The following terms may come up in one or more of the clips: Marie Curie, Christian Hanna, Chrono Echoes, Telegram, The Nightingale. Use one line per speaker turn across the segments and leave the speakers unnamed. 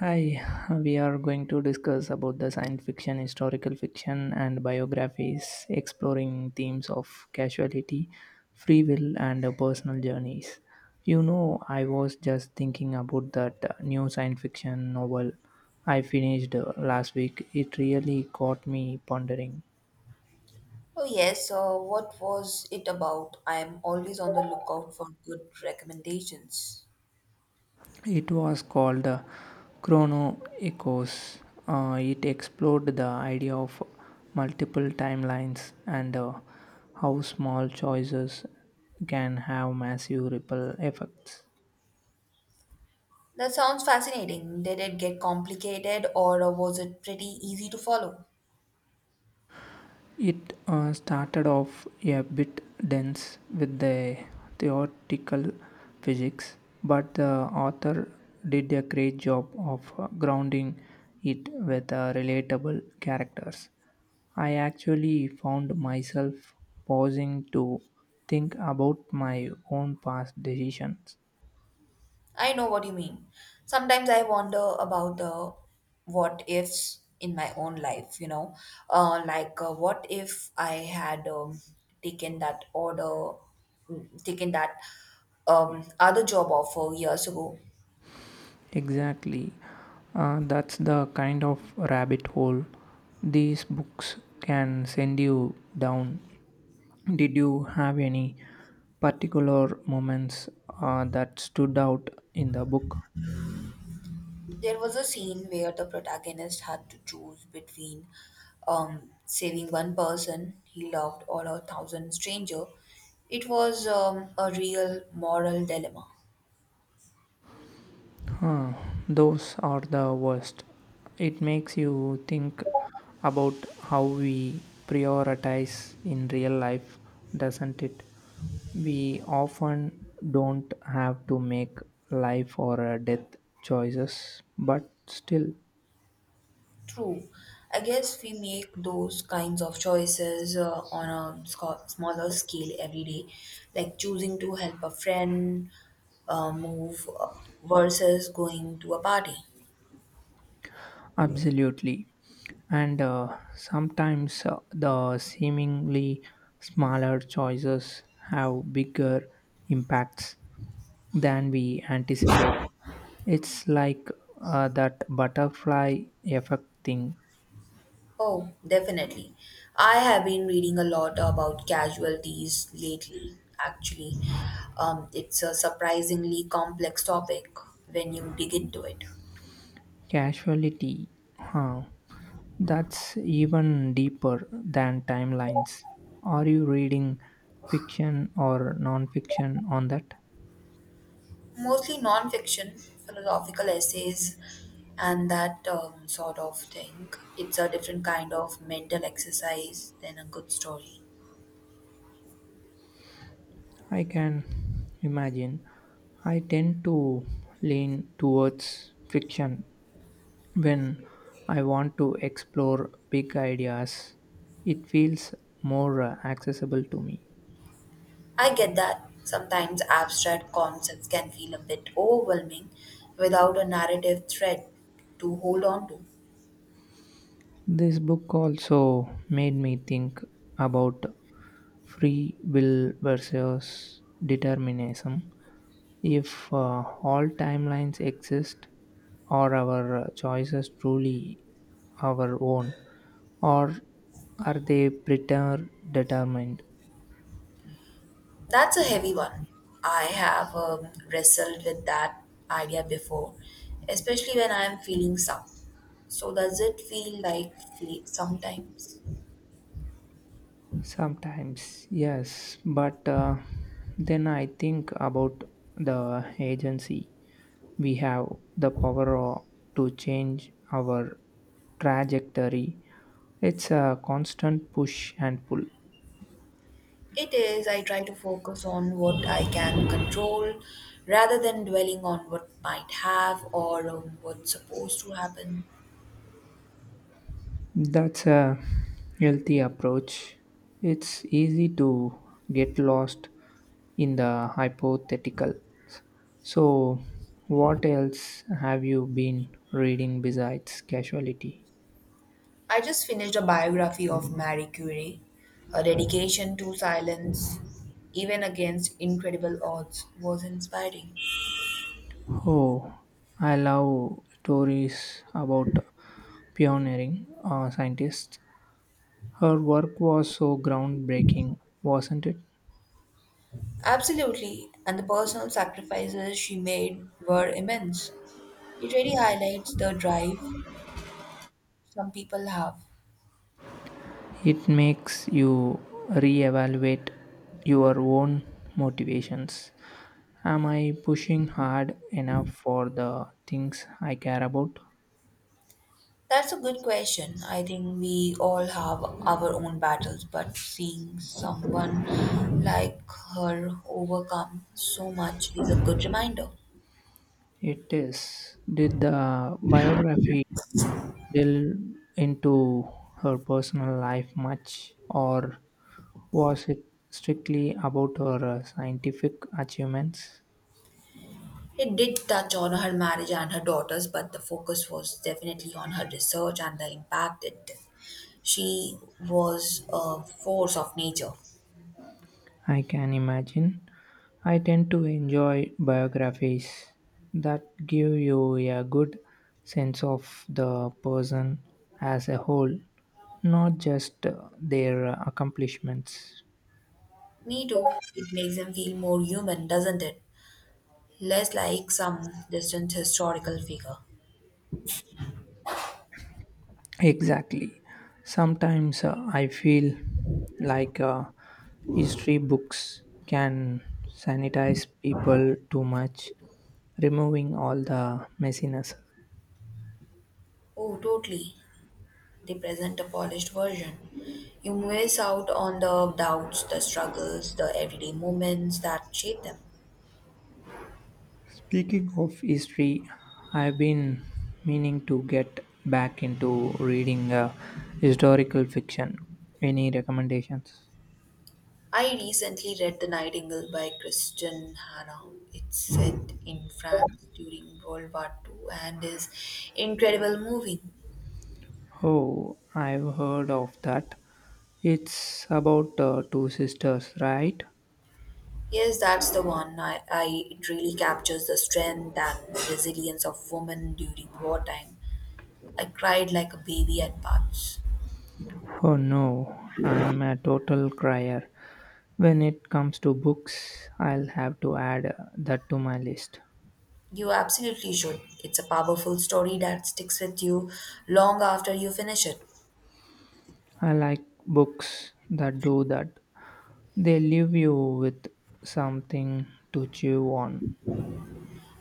Hi, we are going to discuss about the science fiction, historical fiction, and biographies, exploring themes of casualty, free will, and personal journeys. You know, I was just thinking about that new science fiction novel I finished last week. It really got me pondering.
Oh, yes. What was it about? I'm always on the lookout for good recommendations.
It was called Chrono Echoes. It explored the idea of multiple timelines and how small choices can have massive ripple effects.
That sounds fascinating. Did it get complicated or was it pretty easy to follow?
It started off a bit dense with the theoretical physics, but the author did a great job of grounding it with relatable characters. I actually found myself pausing to think about my own past decisions.
I know what you mean. Sometimes I wonder about the what ifs in my own life, you know? Like, what if I had taken that order, taken that other job offer years ago?
Exactly. That's the kind of rabbit hole these books can send you down. Did you have any particular moments that stood out in the book?
There was a scene where the protagonist had to choose between saving one person he loved or a thousand stranger. It was a real moral dilemma.
Those are the worst. It makes you think about how we prioritize in real life, doesn't it? We often don't have to make life or death choices, but still
True. I guess we make those kinds of choices on a smaller scale every day, like choosing to help a friend move versus going to a party.
absolutely. And sometimes the seemingly smaller choices have bigger impacts than we anticipate. It's like that butterfly effect thing.
Oh, definitely. I have been reading a lot about casualties lately, actually. It's a surprisingly complex topic when you dig into it.
Casualty, huh? That's even deeper than timelines. Are you reading fiction or non fiction on that?
Mostly non-fiction, philosophical essays, and that sort of thing. It's a different kind of mental exercise than a good story.
I can imagine. I tend to lean towards fiction when I want to explore big ideas. It feels more accessible to me.
I get that. Sometimes abstract concepts can feel a bit overwhelming without a narrative thread to hold on to.
This book also made me think about free will versus determinism. If all timelines exist, are our choices truly our own, or are they predetermined?
That's a heavy one. I have wrestled with that idea before, especially when I am feeling some. So, does it feel like fate sometimes?
Sometimes, yes, but then I think about the agency. We have the power to change our trajectory. It's a constant push and pull.
It is. I try to focus on what I can control rather than dwelling on what might have or what's supposed to happen.
That's a healthy approach. It's easy to get lost in the hypothetical. So, what else have you been reading besides casualty?
I just finished a biography of Marie Curie. Her dedication to silence, even against incredible odds, was inspiring.
Oh, I love stories about pioneering scientists. Her work was so groundbreaking, wasn't it?
Absolutely, and the personal sacrifices she made were immense. It really highlights the drive some people have.
It makes you reevaluate your own motivations. Am I pushing hard enough for the things I care about?
That's a good question. I think we all have our own battles, but seeing someone like her overcome so much is a good reminder.
It is. Did the biography delve into her personal life much, or was it strictly about her scientific achievements?
It did touch on her marriage and her daughters, but the focus was definitely on her research and the impact it did. She was a force of nature.
I can imagine. I tend to enjoy biographies that give you a good sense of the person as a whole, not just their accomplishments.
Me too. It makes him feel more human, doesn't it? Less like some distant historical figure.
Exactly. Sometimes I feel like history books can sanitize people too much, removing all the messiness.
Oh, totally. They present a polished version. You miss out on the doubts, the struggles, the everyday moments that shape them.
Speaking of history, I've been meaning to get back into reading historical fiction. Any recommendations?
I recently read The Nightingale by Christian Hanna. It's set in France during World War Two, and is incredible moving.
Oh, I've heard of that. It's about two sisters, right?
Yes, that's the one. I it really captures the strength and resilience of women during wartime. I cried like a baby at parts.
Oh no, I'm a total crier. When it comes to books, I'll have to add that to my list.
You absolutely should. It's a powerful story that sticks with you long after you finish it.
I like books that do that. They leave you with something to chew on.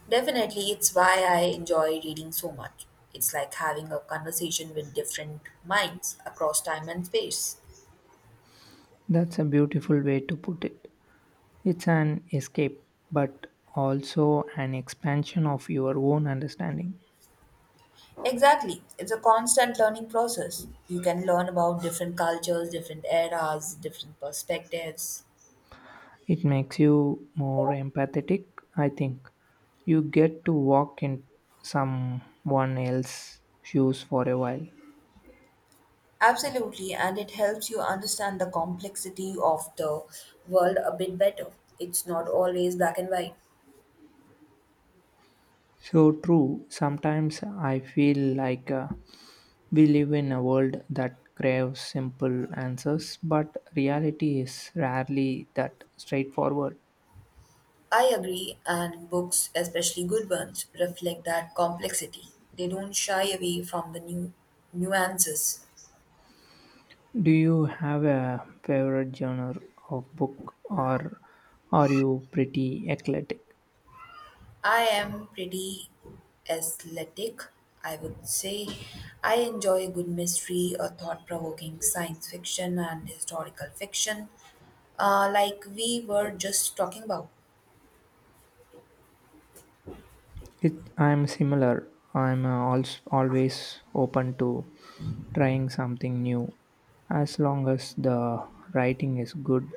Definitely, it's why I enjoy reading so much. It's like having a conversation with different minds across time and space.
That's a beautiful way to put it. It's an escape, but also an expansion of your own understanding.
Exactly. It's a constant learning process. You can learn about different cultures, different eras, different perspectives.
It makes you more empathetic, I think. You get to walk in someone else's shoes for a while.
Absolutely, and it helps you understand the complexity of the world a bit better. It's not always black and white.
So true. Sometimes I feel like we live in a world that craves simple answers, but reality is rarely that straightforward.
I agree, and books, especially good ones, reflect that complexity. They don't shy away from the new nuances.
Do you have a favorite genre of book, or are you pretty eclectic?
I am pretty athletic, I would say. I enjoy a good mystery, a thought provoking science fiction, and historical fiction, like we were just talking about.
I'm similar. I'm also always open to trying something new, as long as the writing is good.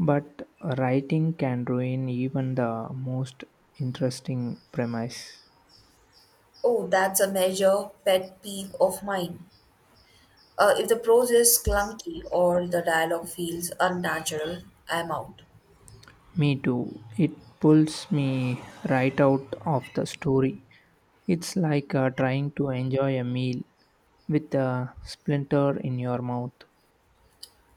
But writing can ruin even the most interesting premise.
Oh, that's a major pet peeve of mine. If the prose is clunky or the dialogue feels unnatural, I'm out.
Me too. It pulls me right out of the story. It's like trying to enjoy a meal with a splinter in your mouth.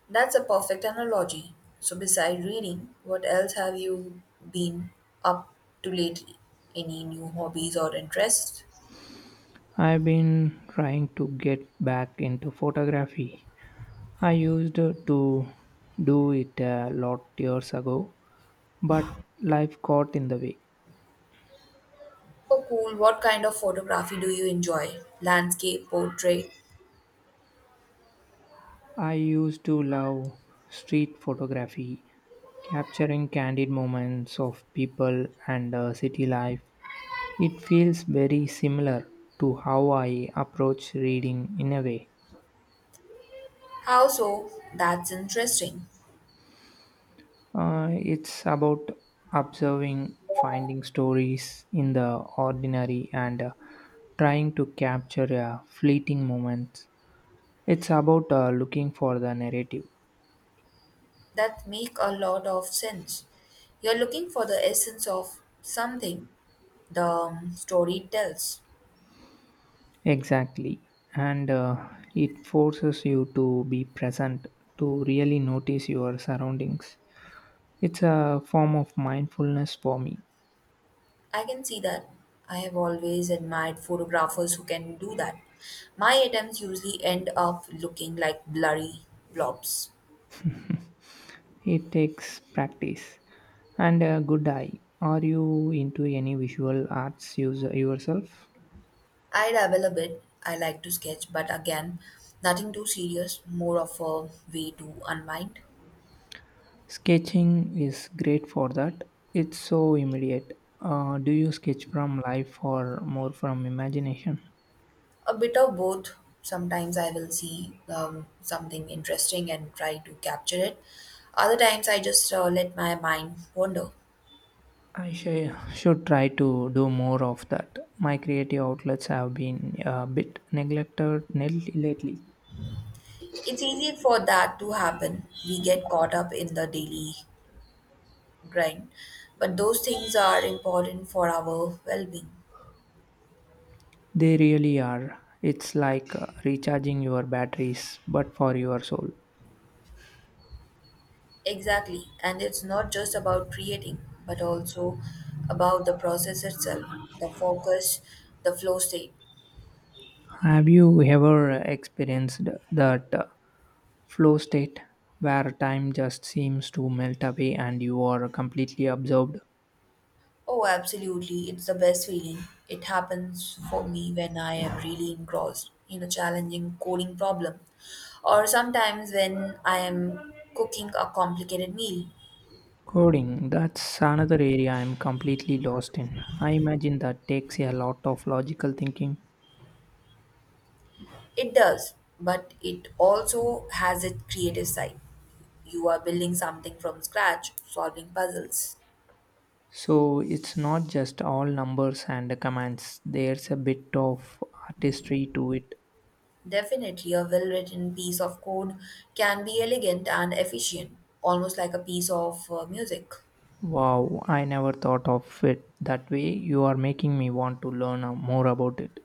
That's a perfect analogy. So, beside reading, what else have you been up to lately? Any new hobbies or interests?
I've been trying to get back into photography. I used to do it a lot years ago, but life got in the way.
Oh, cool. What kind of photography do you enjoy? Landscape, portrait?
I used to love street photography, capturing candid moments of people and city life. It feels very similar to how I approach reading in a way.
How so? That's interesting.
It's about observing, finding stories in the ordinary, and trying to capture fleeting moments. It's about looking for the narrative.
That make a lot of sense. You're looking for the essence of something the story tells.
Exactly. And it forces you to be present, to really notice your surroundings. It's a form of mindfulness for me.
I can see that. I have always admired photographers who can do that. My attempts usually end up looking like blurry blobs.
It takes practice and a good eye. Are you into any visual arts user yourself?
I dabble a bit. I like to sketch, but again, nothing too serious, more of a way to unwind.
Sketching is great for that. It's so immediate. Do you sketch from life or more from imagination?
A bit of both. Sometimes I will see something interesting and try to capture it. Other times I just let my mind wander.
I should try to do more of that. My creative outlets have been a bit neglected lately.
It's easy for that to happen. We get caught up in the daily grind. But those things are important for our well being.
They really are. It's like recharging your batteries, but for your soul.
Exactly. And it's not just about creating, but also about the process itself, the focus, the flow state.
Have you ever experienced that flow state where time just seems to melt away and you are completely absorbed?
Oh, absolutely. It's the best feeling. It happens for me when I am really engrossed in a challenging coding problem, or sometimes when I am cooking a complicated meal.
Coding, that's another area I'm completely lost in. I imagine that takes a lot of logical thinking.
It does, but it also has its creative side. You are building something from scratch, solving puzzles.
So it's not just all numbers and commands. There's a bit of artistry to it.
Definitely, a well written piece of code can be elegant and efficient, almost like a piece of music.
Wow, I never thought of it that way. You are making me want to learn more about it.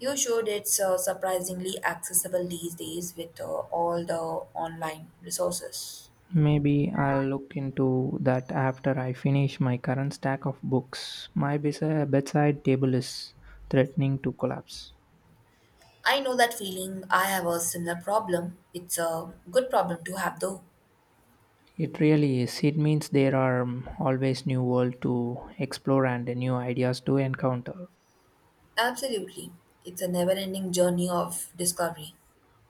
You should. It's surprisingly accessible these days with all the online resources.
Maybe I'll look into that after I finish my current stack of books. My bedside table is threatening to collapse.
I know that feeling. I have a similar problem. It's a good problem to have, though.
It really is. It means there are always new world to explore and new ideas to encounter.
Absolutely. It's a never ending journey of discovery.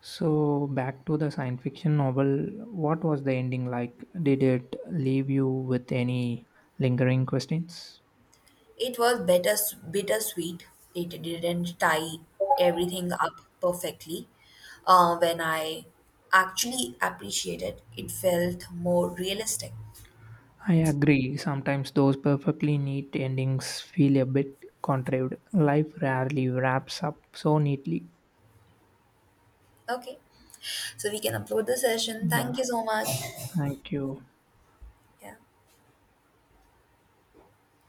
So, back to the science fiction novel, what was the ending like? Did it leave you with any lingering questions?
It was better, bittersweet. It didn't tie everything up perfectly. When I actually appreciated it, felt more realistic.
I agree, sometimes those perfectly neat endings feel a bit contrived. Life rarely wraps up so neatly.
Okay. So we can upload the session.
Yeah,
Thank you so much.
thank you.
Yeah.